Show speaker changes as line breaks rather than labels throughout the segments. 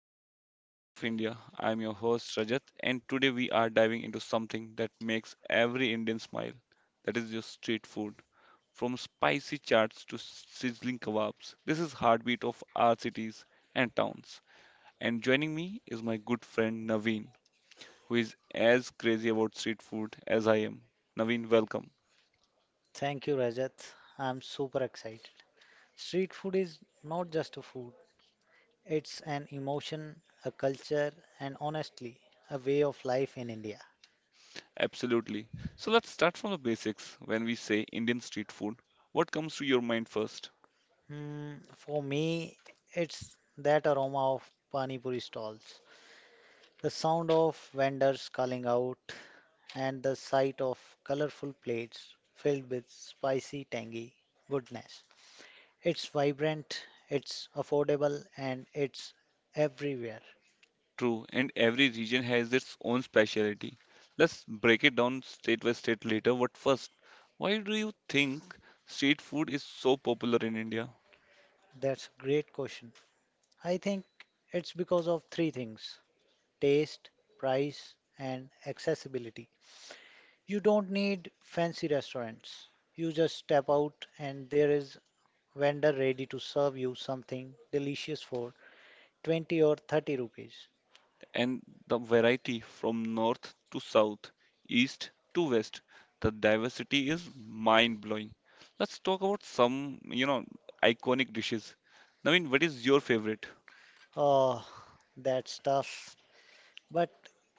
Welcome to Flavors of India. I'm your host Rajat, and today we are diving into something that makes every Indian smile. That is your street food. From spicy chaats to sizzling kebabs, this is heartbeat of our cities and towns. And joining me is my good friend Naveen, who is as crazy about street food as I am. Naveen, welcome.
Thank you, Rajat. I'm super excited. Street food is not just a food, it's an emotion, a culture, and honestly, a way of life in India.
Absolutely. So let's start from the basics. When we say Indian street food, what comes to your mind first?
For me, it's that aroma of pani puri stalls, the sound of vendors calling out, and the sight of colorful plates filled with spicy, tangy goodness. It's vibrant, it's affordable, and it's everywhere.
True, and every region has its own specialty. Let's break it down state by state later, but first, why do you think street food is so popular in India?
That's a great question. I think it's because of three things: taste, price, and accessibility. You don't need fancy restaurants. You just step out and there is vendor ready to serve you something delicious for 20 or 30 rupees.
And the variety from north to south, east to west, the diversity is mind-blowing. Let's talk about some, iconic dishes. Naveen, what is your favorite?
Oh, that's tough. But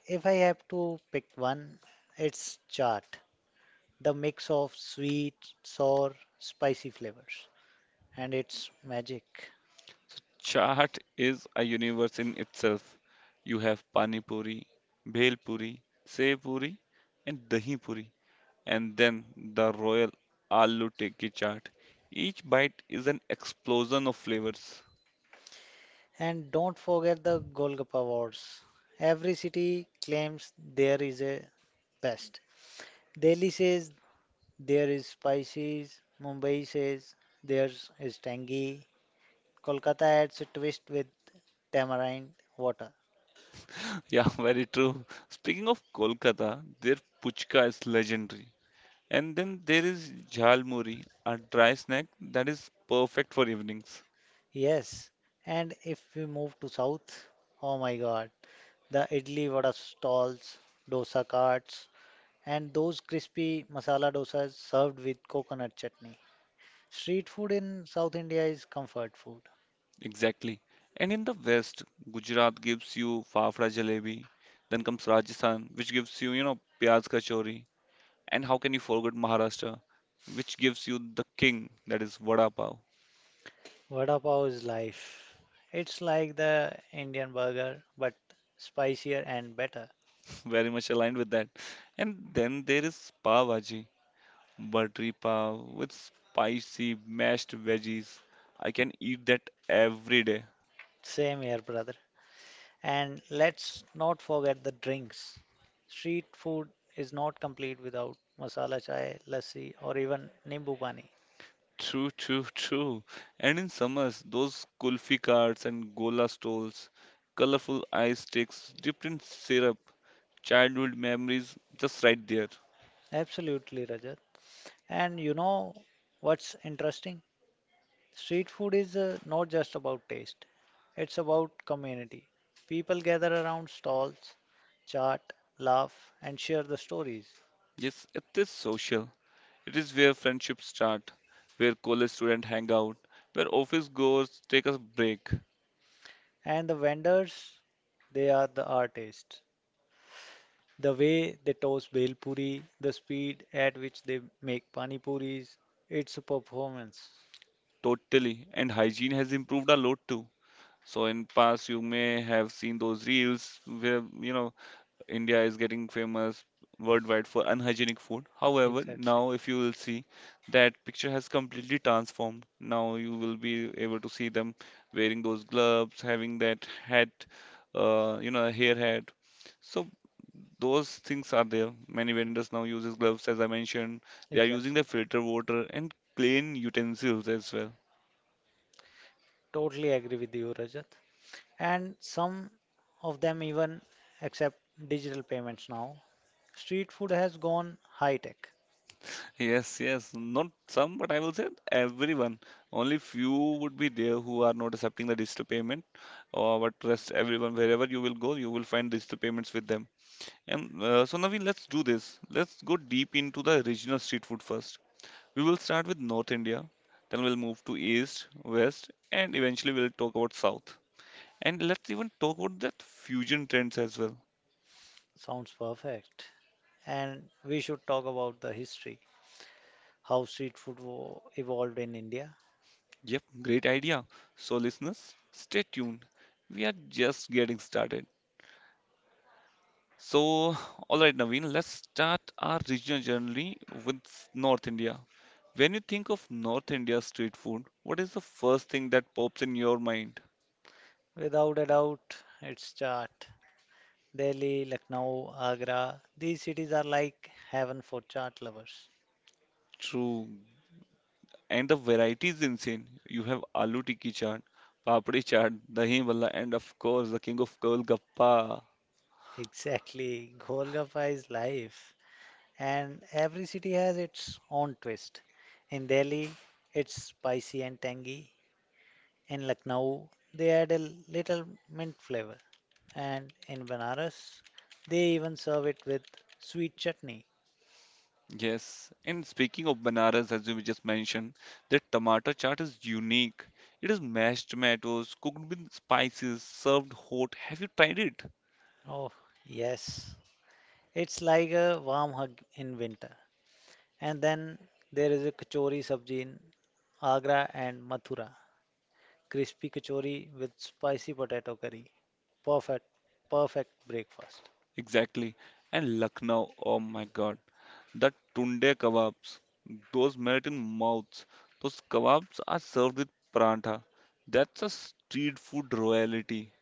if I have to pick one, it's chaat, the mix of sweet, sour, spicy flavors. And it's magic.
Chaat is a universe in itself. You have pani puri, bhel puri, sev puri, and dahi puri, and then the royal aloo tikki chaat. Each bite is an explosion of flavors.
And don't forget the Golgappa Awards. Every city claims there is a best. Delhi says there is spicy, Mumbai says theirs is tangy, Kolkata adds a twist with tamarind water.
Yeah, very true. Speaking of Kolkata, their puchka is legendary. And then there is jhalmuri, a dry snack that is perfect for evenings.
Yes, and if we move to south, oh my god, the idli vada stalls, dosa carts, and those crispy masala dosas served with coconut chutney. Street food in South India is comfort food.
Exactly. And in the West, Gujarat gives you fafra jalebi. Then comes Rajasthan, which gives you, pyaz kachori. And how can you forget Maharashtra, which gives you the king, that is vada pav.
Vada pav is life. It's like the Indian burger, but spicier and better.
Very much aligned with that. And then there is pav bhaji, buttery pav with spicy mashed veggies. I can eat that every day.
Same here, brother. And let's not forget the drinks. Street food is not complete without masala chai, lassi, or even nimbu pani.
True, true, true. And in summers, those kulfi carts and gola stalls, colorful ice sticks dipped in syrup, childhood memories just right there.
Absolutely, Rajat. And you know what's interesting? Street food is, not just about taste, it's about community. People gather around stalls, chat, laugh, and share the stories.
Yes, it is social. It is where friendships start, where college students hang out, where office goers take a break.
And the vendors, they are the artists. The way they toss bhel puri, the speed at which they make pani puris, it's a performance.
Totally. And hygiene has improved a lot too. So in past you may have seen those reels where India is getting famous worldwide for unhygienic food. However,
Exactly,
now if you will see that picture has completely transformed. Now you will be able to see them wearing those gloves, having that hat, hair hat. So those things are there. Many vendors now uses gloves, as I mentioned. They are using the
exactly.
filter water and clean utensils as well.
Totally agree with you, Rajat. And some of them even accept digital payments now. Street food has gone high tech.
Yes, yes. Not some, but I will say everyone. Only few would be there who are not accepting the digital payment. But rest everyone, wherever you will go, you will find digital payments with them. And so Naveen, let's do this. Let's go deep into the regional street food first. We will start with North India, then we'll move to East, West, and eventually we'll talk about South. And let's even talk about that fusion trends as well.
Sounds perfect. And we should talk about the history, how street food evolved in India.
Yep, great idea. So listeners, stay tuned. We are just getting started. So, all right, Naveen, let's start our regional journey with North India. When you think of North India street food, what is the first thing that pops in your mind?
Without a doubt, it's chart. Delhi, Lucknow, Agra, these cities are like heaven for chart lovers.
True. And the variety is insane. You have aloo tikki chaat, papdi chaat, dahi bhalla, and of course the king of Golgappa.
Exactly. Golgappa is life, and every city has its own twist. In Delhi, it's spicy and tangy. In Lucknow, they add a little mint flavor, and in Banaras, they even serve it with sweet chutney.
Yes. And speaking of Banaras, as we just mentioned, the tomato chaat is unique. It is mashed tomatoes cooked with spices, served hot. Have you tried it?
Oh, yes, it's like a warm hug in winter. And then there is a kachori sabji in Agra and Mathura. Crispy kachori with spicy potato curry. Perfect, perfect breakfast.
Exactly. And Lucknow, oh my god, the tunde kebabs, those melt in mouths. Those kebabs are served with paratha. That's a street food royalty.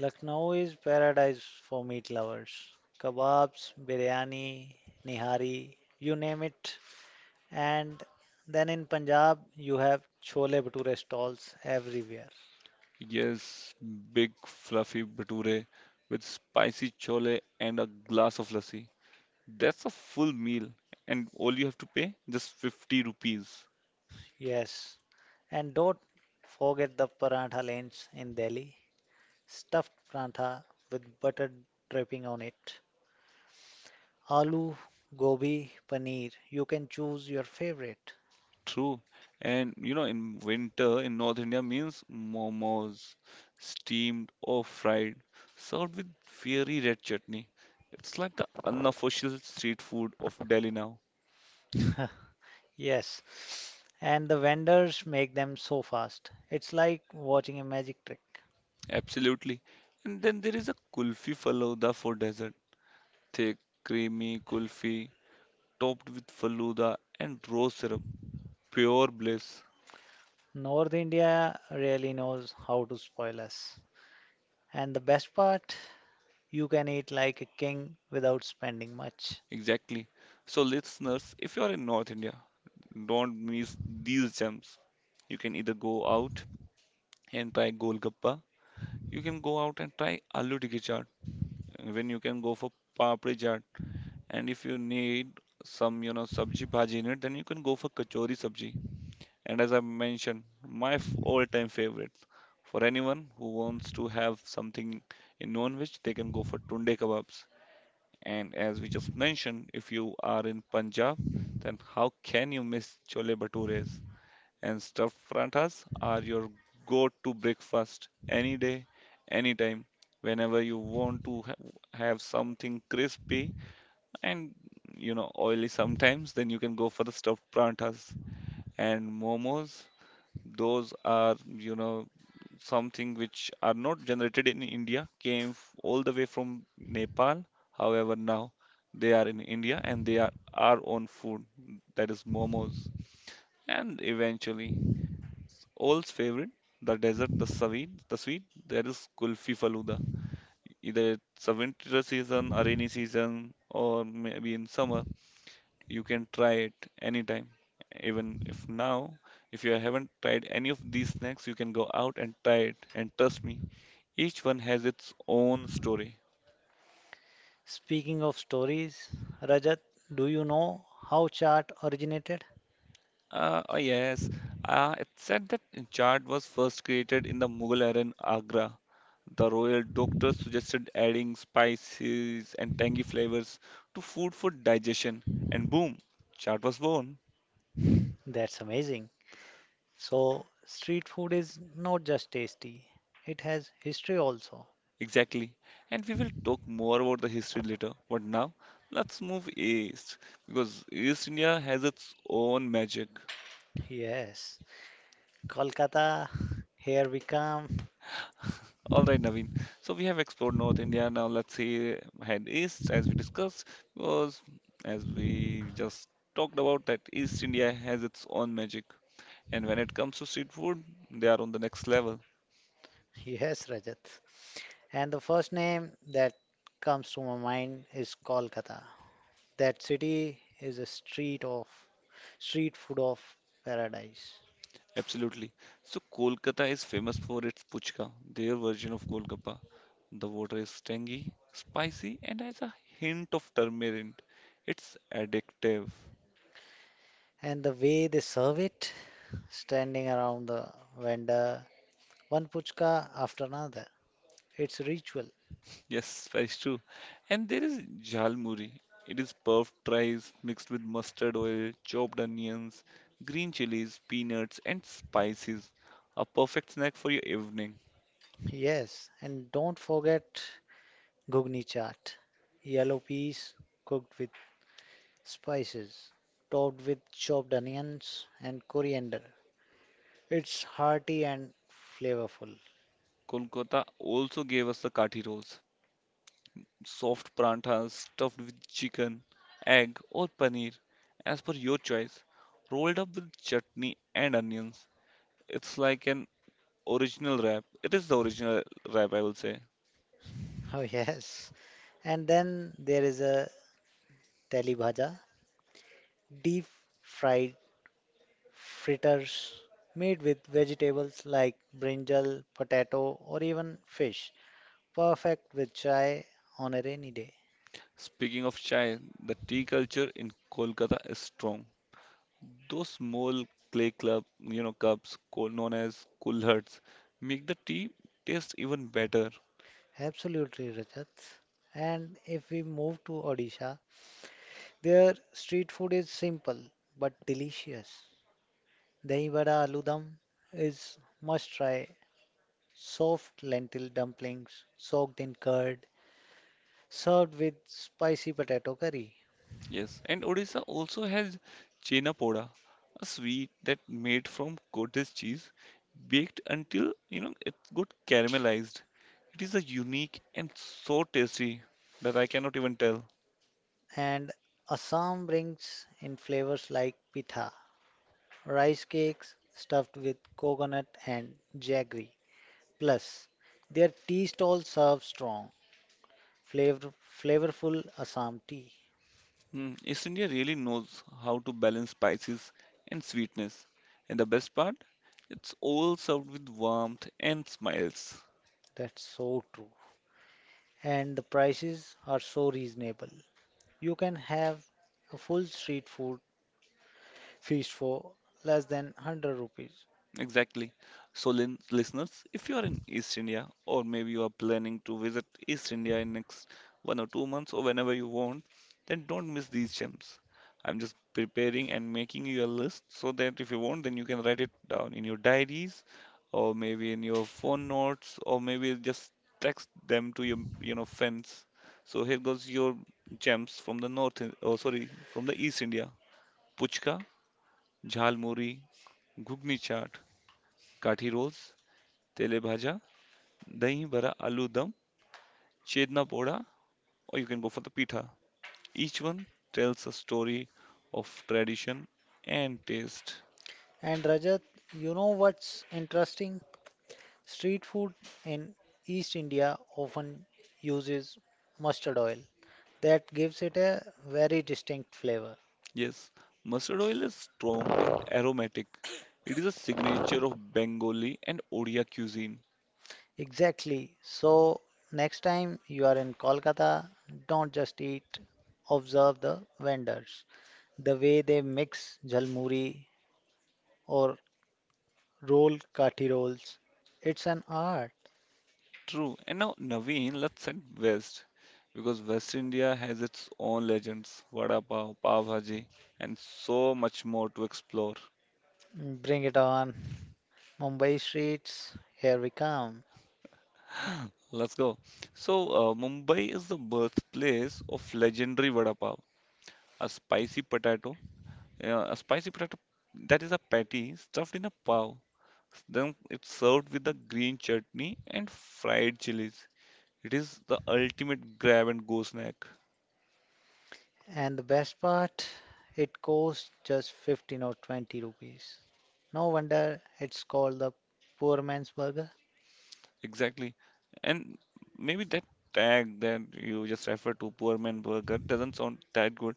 Lucknow is paradise for meat lovers. Kebabs, biryani, nihari, you name it. And then in Punjab, you have chole bhature stalls everywhere.
Yes, big fluffy bhature with spicy chole and a glass of lassi. That's a full meal, and all you have to pay just 50 rupees.
Yes. And don't forget the paratha lanes in Delhi. Stuffed prantha with butter dripping on it, aloo gobi paneer. You can choose your favorite.
True. And you know, in winter in North India means momos, steamed or fried, served with fiery red chutney. It's like the unofficial street food of Delhi now.
Yes, and the vendors make them so fast. It's like watching a magic trick.
Absolutely. And then there is a kulfi falooda for dessert. Thick, creamy kulfi topped with falooda and rose syrup. Pure bliss.
North India really knows how to spoil us. And the best part, you can eat like a king without spending much.
Exactly. So, listeners, if you are in North India, don't miss these gems. You can either go out and try golgappa. You can go out and try aloo tikki chaat. When you can go for papri chaat, and if you need some, sabji bhaji in it, then you can go for kachori sabji. And as I mentioned, my all-time favorite for anyone who wants to have something in non-veg, they can go for tunde kebabs. And as we just mentioned, if you are in Punjab, then how can you miss chole bhatures? And stuffed pratas are your go to breakfast any day, anytime, whenever you want to have something crispy and oily sometimes, then you can go for the stuffed pratas and momos. Those are something which are not generated in India, all the way from Nepal. However, now they are in India and they are our own food, that is momos. And eventually, All's favorite, the desert, the sweet. There is Kulfi Faluda. Either it's a winter season, a rainy season, or maybe in summer, you can try it anytime. Even if now, if you haven't tried any of these snacks, you can go out and try it. And trust me, each one has its own story.
Speaking of stories, Rajat, do you know how chaat originated?
Oh yes, it's said that chaat was first created in the Mughal era in Agra. The royal doctor suggested adding spices and tangy flavors to food for digestion, and boom, chaat was born.
That's amazing. So, street food is not just tasty, it has history also.
Exactly. And we will talk more about the history later. But now, let's move east because East India has its own magic.
Yes, Kolkata, here we come.
All right, Naveen. So we have explored North India. Now let's see head east as we discussed because as we just talked about that East India has its own magic. And when it comes to street food, they are on the next level.
Yes, Rajat. And the first name that comes to my mind is Kolkata. That city is a street of street food of paradise.
Absolutely. So Kolkata is famous for its puchka, their version of Golgappa. The water is tangy, spicy, and has a hint of turmeric. It's addictive.
And the way they serve it, standing around the vendor, one puchka after another. It's ritual.
Yes, that's true. And there is jhalmuri. It is puffed rice mixed with mustard oil, chopped onions, green chilies, peanuts, and spices. A perfect snack for your evening.
Yes, and don't forget Gugni chaat, yellow peas cooked with spices, topped with chopped onions and coriander. It's hearty and flavorful.
Kolkata also gave us the kathi rolls, soft paratha stuffed with chicken, egg, or paneer, as per your choice, rolled up with chutney and onions. It's like an original wrap. It is the original wrap, I will say.
Oh, yes. And then there is a teli bhaja, deep fried fritters made with vegetables like brinjal, potato, or even fish. Perfect with chai on a rainy day.
Speaking of chai, the tea culture in Kolkata is strong. Those small clay club, you know, cups called known as kulhards make the tea taste even better.
Absolutely, Rajat. And if we move to Odisha, their street food is simple but delicious. Dahi vada aloo dum is must try. Soft lentil dumplings soaked in curd, served with spicy potato curry.
Yes, and Odisha also has chenapoda, a sweet that made from cottage cheese, baked until it got caramelized. It is a unique and so tasty that I cannot even tell.
And Assam brings in flavors like pitha, rice cakes stuffed with coconut and jaggery. Plus, their tea stalls serve strong, flavor, flavorful Assam tea.
Hmm, East India really knows how to balance spices and sweetness, and the best part, it's all served with warmth and smiles.
That's so true. And the prices are so reasonable. You can have a full street food feast for less than 100 rupees.
Exactly. So, listeners, if you are in East India or maybe you are planning to visit East India in next 1 or 2 months or whenever you want, then don't miss these gems. I'm just preparing and making you a list so that if you want, then you can write it down in your diaries or maybe in your phone notes or maybe just text them to your, friends. So here goes your gems from the north, oh sorry, from the East India. Puchka, Jhalmuri, Gugni chaat, Kathi rolls, tele bhaja, dahi vada, aloo dum, chedna poda, or you can go for the pitha. Each one tells a story of tradition and taste.
And Rajat, you know what's interesting? Street food in East India often uses mustard oil. That gives it a very distinct flavor.
Yes, mustard oil is strong and aromatic. It is a signature of Bengali and Odia cuisine.
Exactly. So, next time you are in Kolkata, don't just eat, observe the vendors. The way they mix jalmuri or roll kathi rolls, it's an art.
True. And now, Naveen, let's head west because West India has its own legends, vada pav, pav bhaji, and so much more to explore.
Bring it on. Mumbai streets, here we come.
Let's go. So, Mumbai is the birthplace of legendary vada pav, a spicy potato. A spicy potato that is a patty stuffed in a pav. Then it's served with a green chutney and fried chilies. It is the ultimate grab and go snack.
And the best part, it costs just 15 or 20 rupees. No wonder it's called the poor man's burger.
Exactly. And maybe that tag that you just referred to, poor man burger, doesn't sound that good,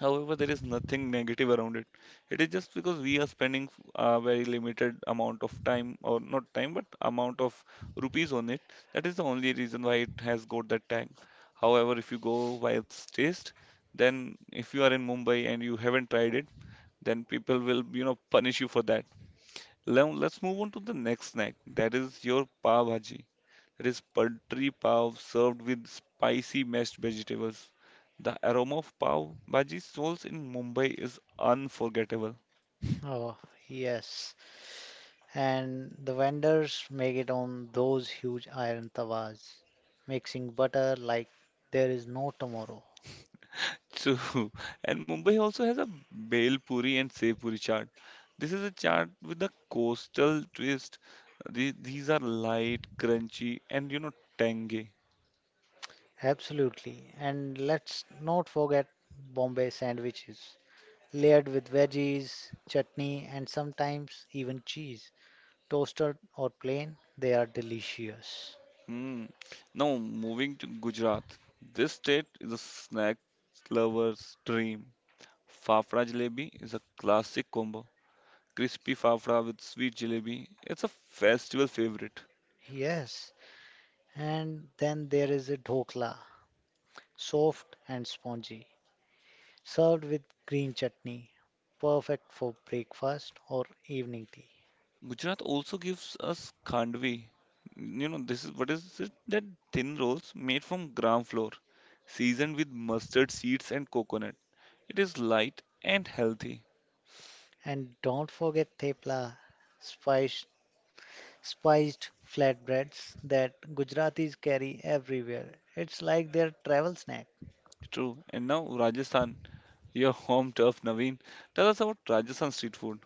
however, there is nothing negative around it. It is just because we are spending a very limited amount of time, or not time, but amount of rupees on it. That is the only reason why it has got that tag. However, if you go while it's taste, then if you are in Mumbai and you haven't tried it, then people will, punish you for that. Now let's move on to the next snack. That is your pav bhaji. It is poultry pav served with spicy mashed vegetables. The aroma of pav bhaji stalls in Mumbai is unforgettable.
Oh, yes. And the vendors make it on those huge iron tawas, mixing butter like there is no tomorrow.
True. And Mumbai also has a bhel puri and sev puri chaat. This is a chaat with a coastal twist. These are light, crunchy, and tangy.
Absolutely. And let's not forget Bombay sandwiches layered with veggies, chutney, and sometimes even cheese. Toasted or plain, they are delicious.
Hmm. Now moving to Gujarat. This state is a snack lover's dream. Fafra jalebi is a classic combo, crispy fafda with sweet jalebi. It's a festival favorite.
Yes, and then there is a dhokla, soft and spongy, served with green chutney, perfect for breakfast or evening tea.
Gujarat also gives us khandvi. You know, this is what is it? That Thin rolls made from gram flour, seasoned with mustard seeds and coconut. It is light and healthy.
And don't forget thepla, spiced, spiced flatbreads that Gujaratis carry everywhere. It's like their travel snack.
True. And now Rajasthan, your home turf, Naveen. Tell us about Rajasthan street food.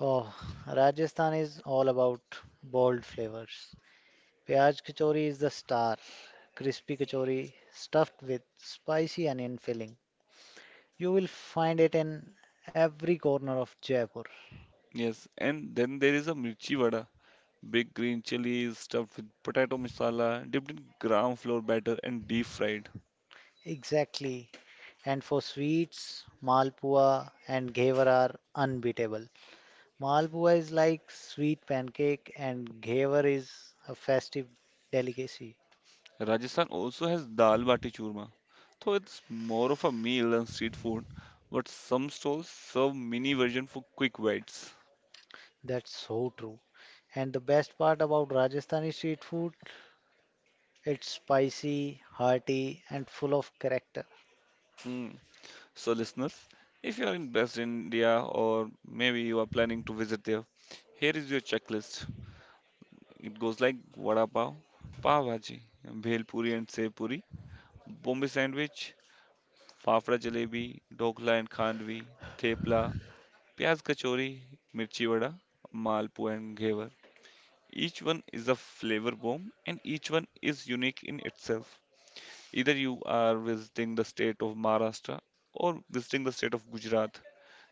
Oh, Rajasthan is all about bold flavors. Pyaj kachori is the star. Crispy kachori stuffed with spicy onion filling. You will find it in every corner of Jaipur.
Yes, and then there is a mirchi vada, big green chilies stuffed with potato masala, dipped in gram flour batter and deep fried.
Exactly. And for sweets, Malpua and Ghevar are unbeatable. Malpua is like sweet pancake and Ghevar is a festive delicacy.
Rajasthan also has dal bati churma, though it's more of a meal than street food, but some stalls serve mini version for quick bites.
That's so true. And the best part about Rajasthani street food, it's spicy, hearty, and full of character.
Hmm. So listeners, if you are in West India or maybe you are planning to visit there, here is your checklist. It goes like vada pav, pav bhaji, bhel puri and sev puri, Bombay sandwich, fafda jalebi, dokla and khandvi, thepla, pyaz kachori, mirchi vada, malpu and ghevar. Each one is a flavor bomb and each one is unique in itself. Either you are visiting the state of Maharashtra or visiting the state of Gujarat,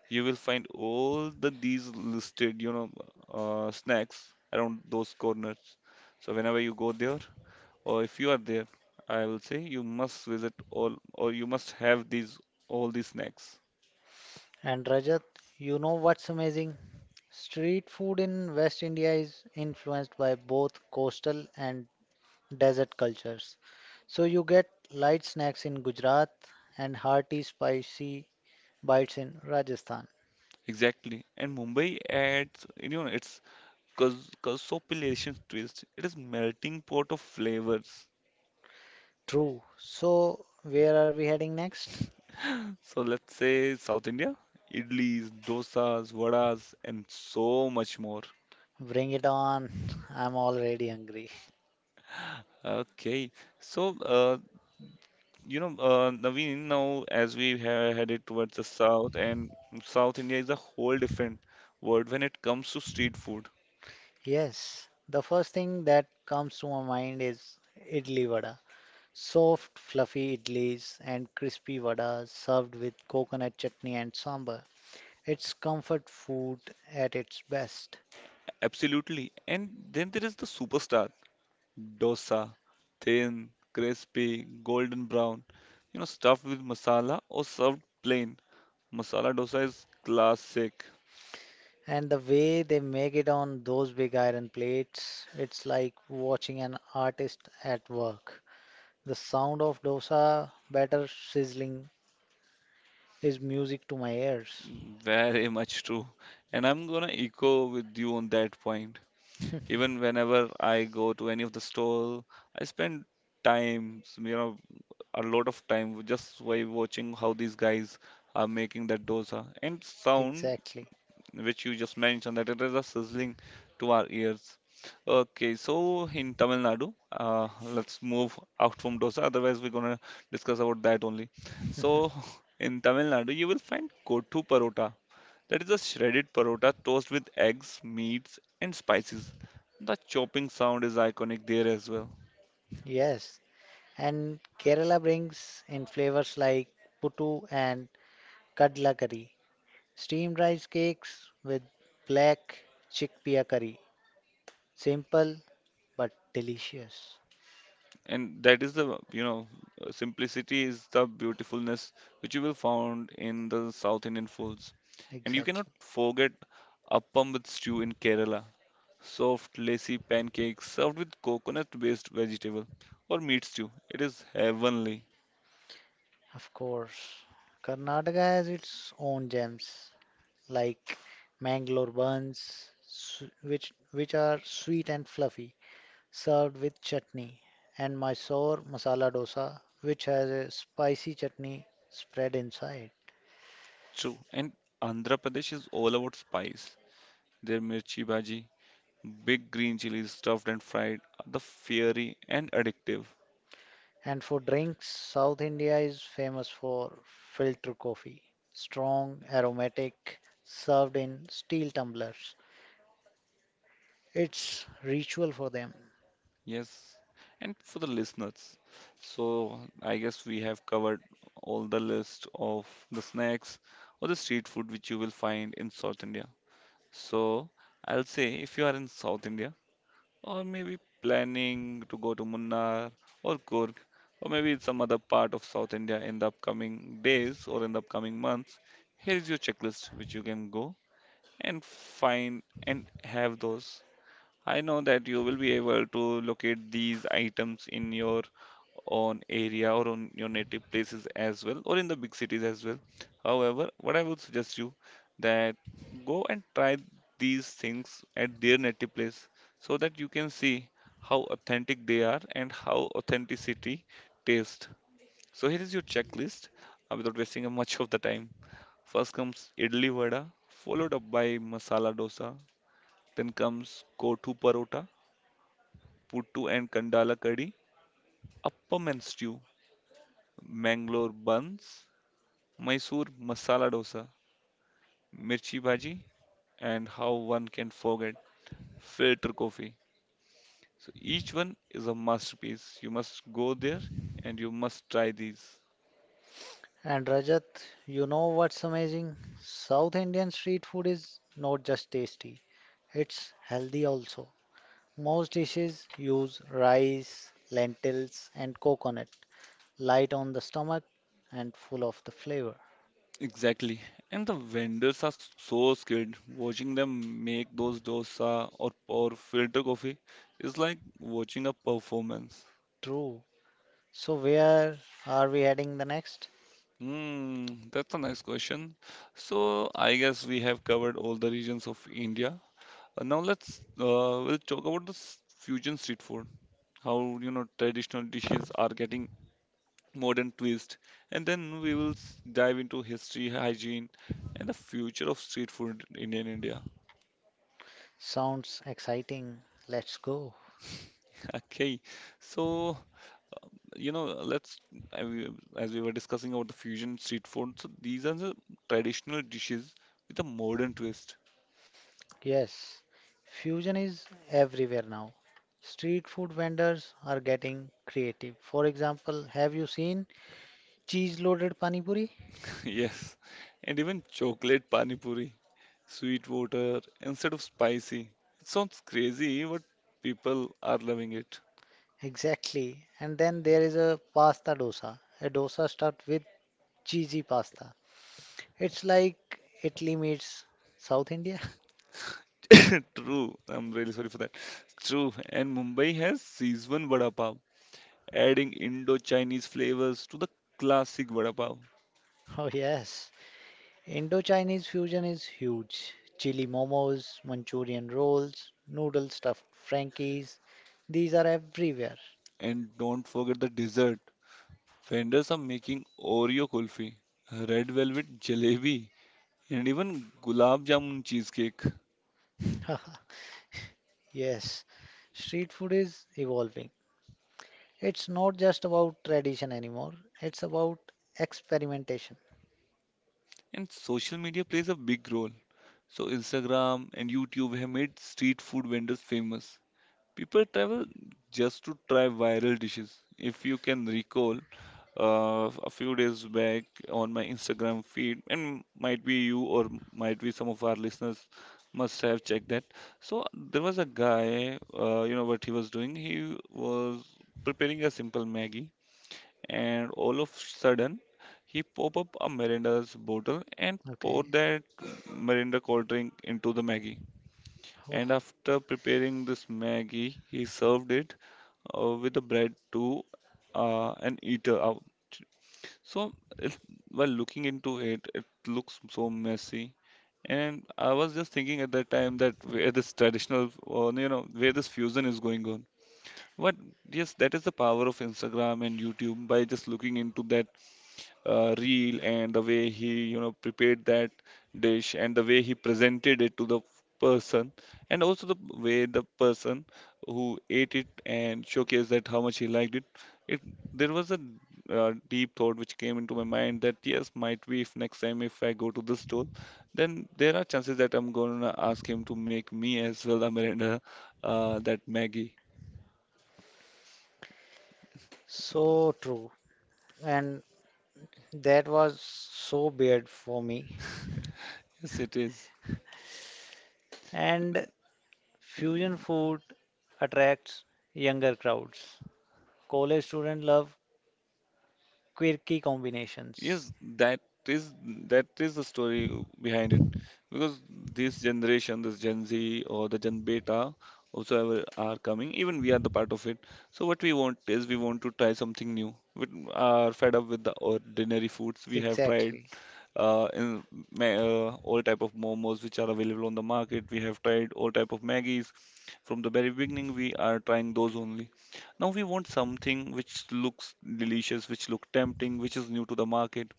you will find all the these listed, snacks around those corners. So whenever you go there or if you are there, I will say you must visit all or you must have these all these snacks.
And Rajat, you know what's amazing? Street food in West India is influenced by both coastal and desert cultures. So you get light snacks in Gujarat and hearty, spicy bites in Rajasthan.
Exactly. And Mumbai adds, you know, it's cause cosopilation twist. It is melting pot of flavors.
True. So where are we heading next?
So let's say South India, idlis, dosas, vadas, and so much more.
Bring it on. I'm already hungry.
Okay, so Naveen, now as we have headed towards the south, and South India is a whole different world when it comes to street food.
Yes, the first thing that comes to my mind is idli vada. Soft, fluffy idlis and crispy vadas served with coconut chutney and sambar. It's comfort food at its best.
Absolutely. And then there is the superstar, dosa, thin, crispy, golden brown, you know, stuffed with masala or served plain. Masala dosa is classic,
And the way they make it on those big iron plates, it's like watching an artist at work. The sound of dosa batter sizzling is music to my ears.
very much true. And I'm gonna echo with you on that point. Even whenever I go to any of the store, I spend time, you know, a lot of time just by watching how these guys are making that dosa. And sound
Exactly.
which you just mentioned that it is a sizzling to our ears. Okay, so in Tamil Nadu, let's move out from dosa. Otherwise, we're gonna discuss about that only. So in Tamil Nadu, you will find kottu parota. That is a shredded parota tossed with eggs, meats, and spices. The chopping sound is iconic there as well.
Yes. And Kerala brings in flavors like puttu and kadla curry, steamed rice cakes with black chickpea curry. Simple but delicious.
And that is the simplicity is the beautifulness which you will found in the South Indian foods. And you cannot
Exactly.
forget appam with stew in Kerala, soft lacy pancakes served with coconut-based vegetable or meat stew. It is heavenly.
Of course. Karnataka has its own gems like Mangalore buns, which are sweet and fluffy, served with chutney, and Mysore masala dosa, which has a spicy chutney spread inside.
True. And Andhra Pradesh is all about spice. Their mirchi bhaji, big green chilies stuffed and fried, are the fiery and addictive.
And for drinks, South India is famous for filter coffee, strong, aromatic, served in steel tumblers. It's ritual for them.
Yes, and for the listeners. So I guess we have covered all the list of the snacks or the street food which you will find in South India. So I'll say if you are in South India or maybe planning to go to Munnar or Kurg or maybe in some other part of South India in the upcoming days or in the upcoming months, here is your checklist which you can go and find and have those. I know that you will be able to locate these items in your own area or on your native places as well, or in the big cities as well. However, what I would suggest you that go and try these things at their native place so that you can see how authentic they are and how authenticity tastes. So here is your checklist without wasting much of the time. First comes idli vada, followed up by masala dosa. Then comes kotu parota puttu and kandala curry, appam and stew, Mangalore buns, Mysore masala dosa, mirchi bhaji, and how one can forget filter coffee. So each one is a masterpiece. You must go there and you must try these.
And Rajat, you know what's amazing? South Indian street food is not just tasty, it's healthy also. Most dishes use rice, lentils, and coconut, light on the stomach and full of the flavor.
Exactly. And the vendors are so skilled. Watching them make those dosa or pour filter coffee is like watching a performance.
True. So, where are we heading the next?
Hmm, that's a nice question. So I guess we have covered all the regions of India. Now let's we'll talk about the fusion street food. How you know traditional dishes are getting modern twist, and then we will dive into history, hygiene, and the future of street food in Indian India.
Sounds exciting. Let's go.
Okay, so you know let's as we were discussing about the fusion street food. So these are the traditional dishes with a modern twist.
Yes, fusion is everywhere now. Street food vendors are getting creative. For example, have you seen cheese loaded pani puri?
Yes, and even chocolate pani puri, sweet water instead of spicy. It sounds crazy, but people are loving it.
Exactly. And then there is a pasta dosa. A dosa stuffed with cheesy pasta. It's like Italy meets South India.
True, I'm really sorry for that. True, and Mumbai has Szechuan vada pav, adding Indo-Chinese flavors to the classic vada pav.
Oh, yes. Indo-Chinese fusion is huge. Chili momos, Manchurian rolls, noodle stuffed Frankies, these are everywhere.
And don't forget the dessert. Vendors are making Oreo kulfi, red velvet jalebi, and even gulab jamun cheesecake.
Yes, street food is evolving. It's not just about tradition anymore, it's about experimentation.
And social media plays a big role. So Instagram and YouTube have made street food vendors famous. People travel just to try viral dishes. If you can recall, a few days back on my Instagram feed, and might be you or might be some of our listeners must have checked that. So there was a guy, you know what he was doing? He was preparing a simple Maggie and all of sudden he pop up a Miranda's bottle and pour
Okay.
that Miranda cold drink into the Maggie.
Oh,
And after preparing this Maggie, he served it with the bread to an eater out. So it, while looking into it, it looks so messy. And I was just thinking at that time that where this traditional, you know, where this fusion is going on. But yes, that is the power of Instagram and YouTube by just looking into that reel and the way he you know prepared that dish and the way he presented it to the person and also the way the person who ate it and showcased that how much he liked it. There was a deep thought which came into my mind that yes might be if next time if I go to this stall then there are chances that I'm going to ask him to make me as well a Miranda that Maggie.
so true. And that was so weird for me.
Yes it is.
And fusion food attracts younger crowds. College students love quirky combinations.
Yes, is that is the story behind it, because this generation, this Gen Z or the Gen Beta, whosoever are coming, even we are the part of it. So what we want is we want to try something new. We are fed up with the ordinary foods we have tried,
Exactly.
in all type of momos which are available on the market. We have tried all type of Maggies. From the very beginning, we are trying those only. Now we want something which looks delicious, which look tempting, which is new to the market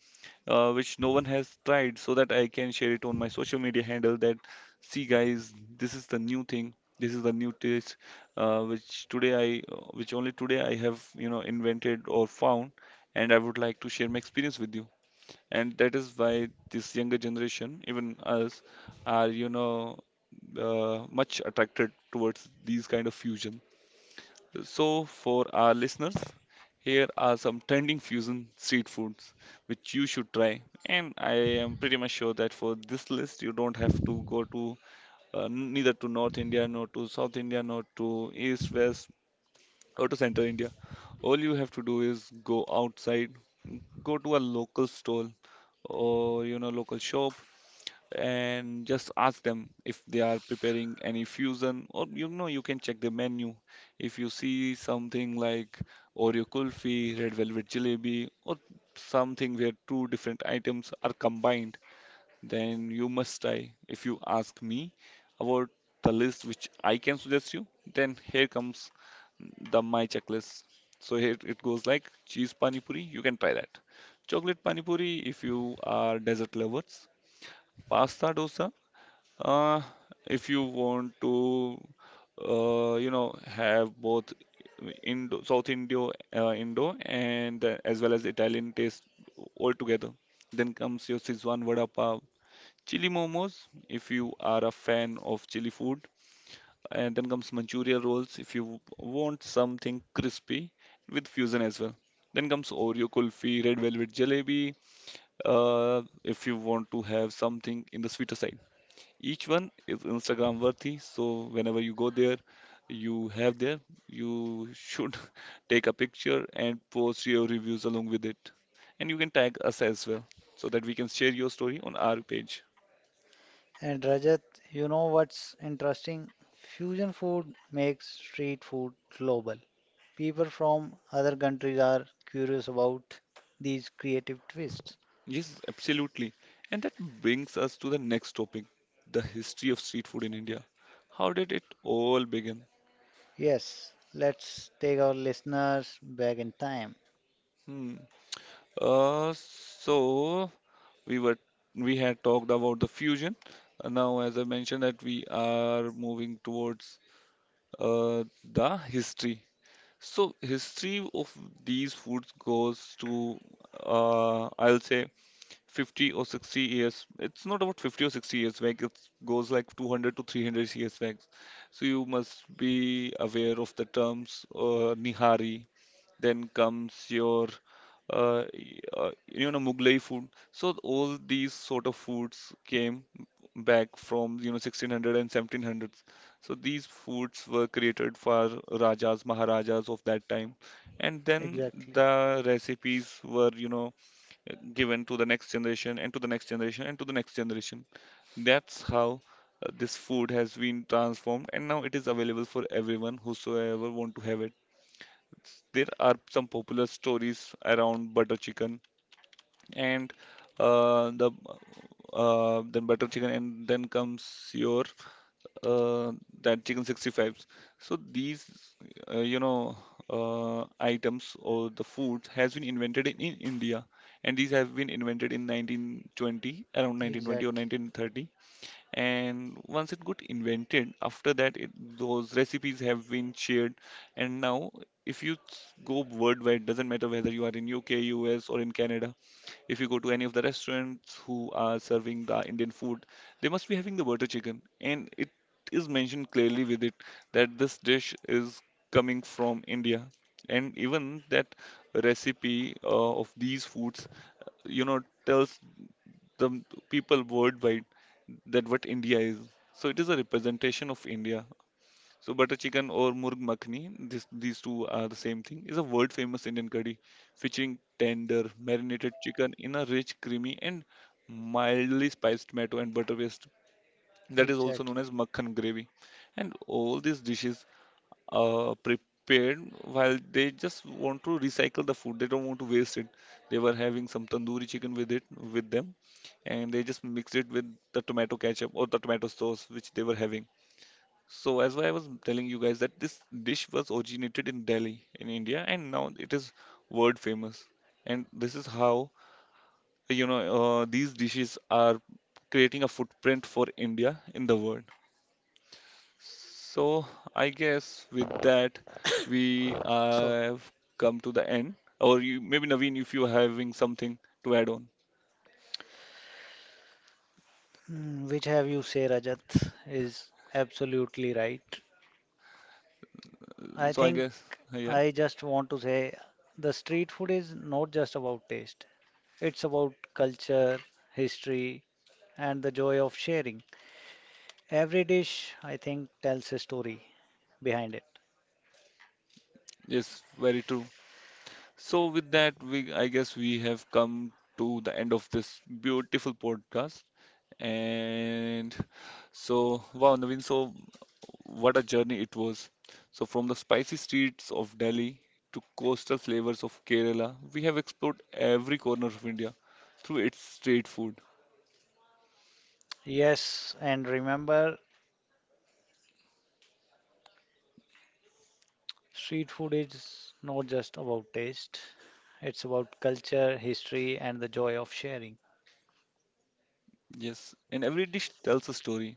which no one has tried so that I can share it on my social media handle that see guys this is the new thing, this is the new taste, which only today I have you know invented or found, and I would like to share my experience with you, and that is why this younger generation even us are much attracted towards these kind of fusion. So, for our listeners, here are some trending fusion street foods which you should try. And I am pretty much sure that for this list, you don't have to go to neither to North India, nor to South India, nor to East, West, or to Central India. All you have to do is go outside, go to a local stall or you know local shop and just ask them if they are preparing any fusion, or you know you can check the menu. If you see something like Oreo kulfi, red velvet jalebi or something where two different items are combined, then you must try. If you ask me about the list which I can suggest you, then here comes the my checklist. So here it goes like cheese pani puri, you can try that, chocolate pani puri if you are dessert lovers, pasta dosa, uh, if you want to, have both Indo, South Indo, Indo, and as well as Italian taste all together, then comes your Sizzwan vada pav, chili momos if you are a fan of chili food, and then comes Manchuria rolls if you want something crispy with fusion as well. Then comes Oreo kulfi, red velvet jalebi, if you want to have something in the sweeter side. Each one is Instagram worthy, so whenever you go there, you have there, you should take a picture and post your reviews along with it. And you can tag us as well so that we can share your story on our page.
And Rajat, you know what's interesting? Fusion food makes street food global. People from other countries are curious about these creative twists.
Yes, absolutely. And that brings us to the next topic, the history of street food in India. How did it all begin?
Yes, let's take our listeners back in time.
Hmm. So we were we had talked about the fusion. Now, as I mentioned, that we are moving towards the history. So, history of these foods goes to I'll say 50 or 60 years. It's not about 50 or 60 years back. It goes like 200 to 300 years back. So you must be aware of the terms nihari, then comes your you know, Mughlai food. So all these sort of foods came back from, you know, 1600 and 1700s. So these foods were created for rajas, maharajas of that time, and then
Exactly.
the recipes were, you know, given to the next generation and to the next generation and to the next generation. That's how this food has been transformed, and now it is available for everyone whosoever want to have it. There are some popular stories around butter chicken and the then butter chicken, and then comes your uh, that chicken 65s. So these uh, you know items or the food has been invented in India, and these have been invented in 1920, around 1920 or
Exactly,
1930. And once it got invented, after that it, those recipes have been shared, and now if you go worldwide, doesn't matter whether you are in UK, US, or in Canada, if you go to any of the restaurants who are serving the Indian food, they must be having the butter chicken, and it is mentioned clearly with it that this dish is coming from India. And even that recipe of these foods, you know, tells the people worldwide that what India is. So it is a representation of India. So butter chicken or murg makhni, this, these two are the same thing, is a world famous Indian curry featuring tender marinated chicken in a rich, creamy and mildly spiced tomato and butter paste that is also known
exactly.
as makhan gravy. And all these dishes prepared while they just want to recycle the food. They don't want to waste it. They were having some tandoori chicken with it, with them, and they just mixed it with the tomato ketchup or the tomato sauce which they were having. So as why I was telling you guys that this dish was originated in Delhi in India, and now it is world famous. And this is how, you know, these dishes are creating a footprint for India in the world. So I guess with that, we
So,
have come to the end. Or you, maybe Naveen, if you're having something to add on.
which have you say, Rajat, is absolutely right. I
So I
think
guess yeah,
I just want to say the street food is not just about taste, it's about culture, history, and the joy of sharing. Every dish, I think, tells a story behind it.
yes, very true. So with that, we I guess we have come to the end of this beautiful podcast. And so wow, Naveen, so what a journey it was. So, from the spicy streets of Delhi to coastal flavors of Kerala, we have explored every corner of India through its street food.
Yes, and remember, street food is not just about taste, it's about culture, history, and the joy of sharing.
Yes, and every dish tells a story.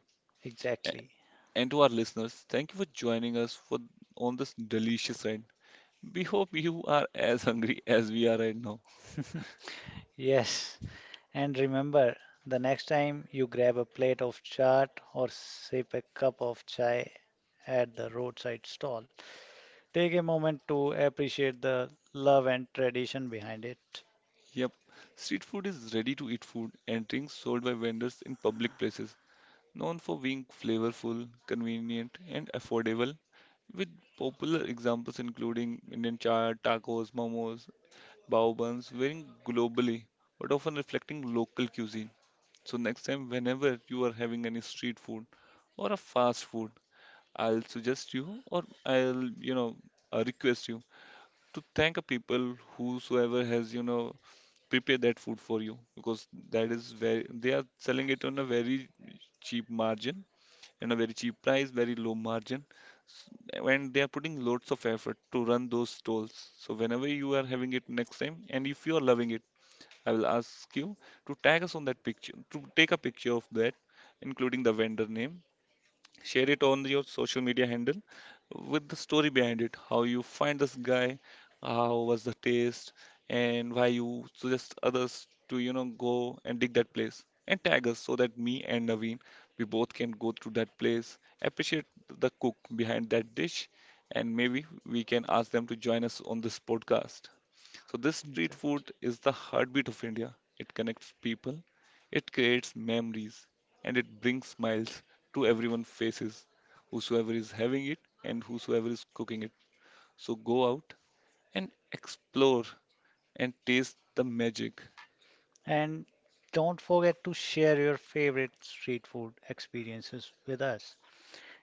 A-
Exactly.
And to our listeners, thank you for joining us for on this delicious ride. We hope you are as hungry as we are right now.
Yes. And remember, the next time you grab a plate of chaat or sip a cup of chai at the roadside stall, take a moment to appreciate the love and tradition behind it.
Yep, street food is ready to eat food and drinks sold by vendors in public places, known for being flavorful, convenient, and affordable, with popular examples including Indian chaat, tacos, momos, bao buns, varying globally but often reflecting local cuisine. So next time, whenever you are having any street food or a fast food, I'll suggest you, or I'll, you know, request you to thank a people whosoever has, you know, prepared that food for you, because that is very, they are selling it on a very cheap margin, in a very cheap price, very low margin. And they are putting lots of effort to run those stalls. So whenever you are having it next time, and if you are loving it, I will ask you to tag us on that picture, to take a picture of that, including the vendor name, share it on your social media handle with the story behind it, how you find this guy, how was the taste, and why you suggest others to, you know, go and dig that place, and tag us so that me and Naveen, we both can go through that place, appreciate the cook behind that dish, and maybe we can ask them to join us on this podcast. So this street
Okay.
food is the heartbeat of India. It connects people, it creates memories, and it brings smiles to everyone's faces, whosoever is having it and whosoever is cooking it. So go out and explore and taste the magic.
And don't forget to share your favorite street food experiences with us.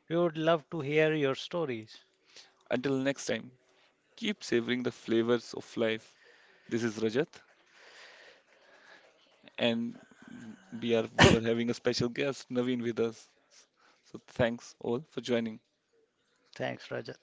We would love to hear your stories.
Until next time, keep savoring the flavors of life. This is Rajat, and we were having a special guest Naveen with us. So thanks all for joining.
Thanks, Rajat.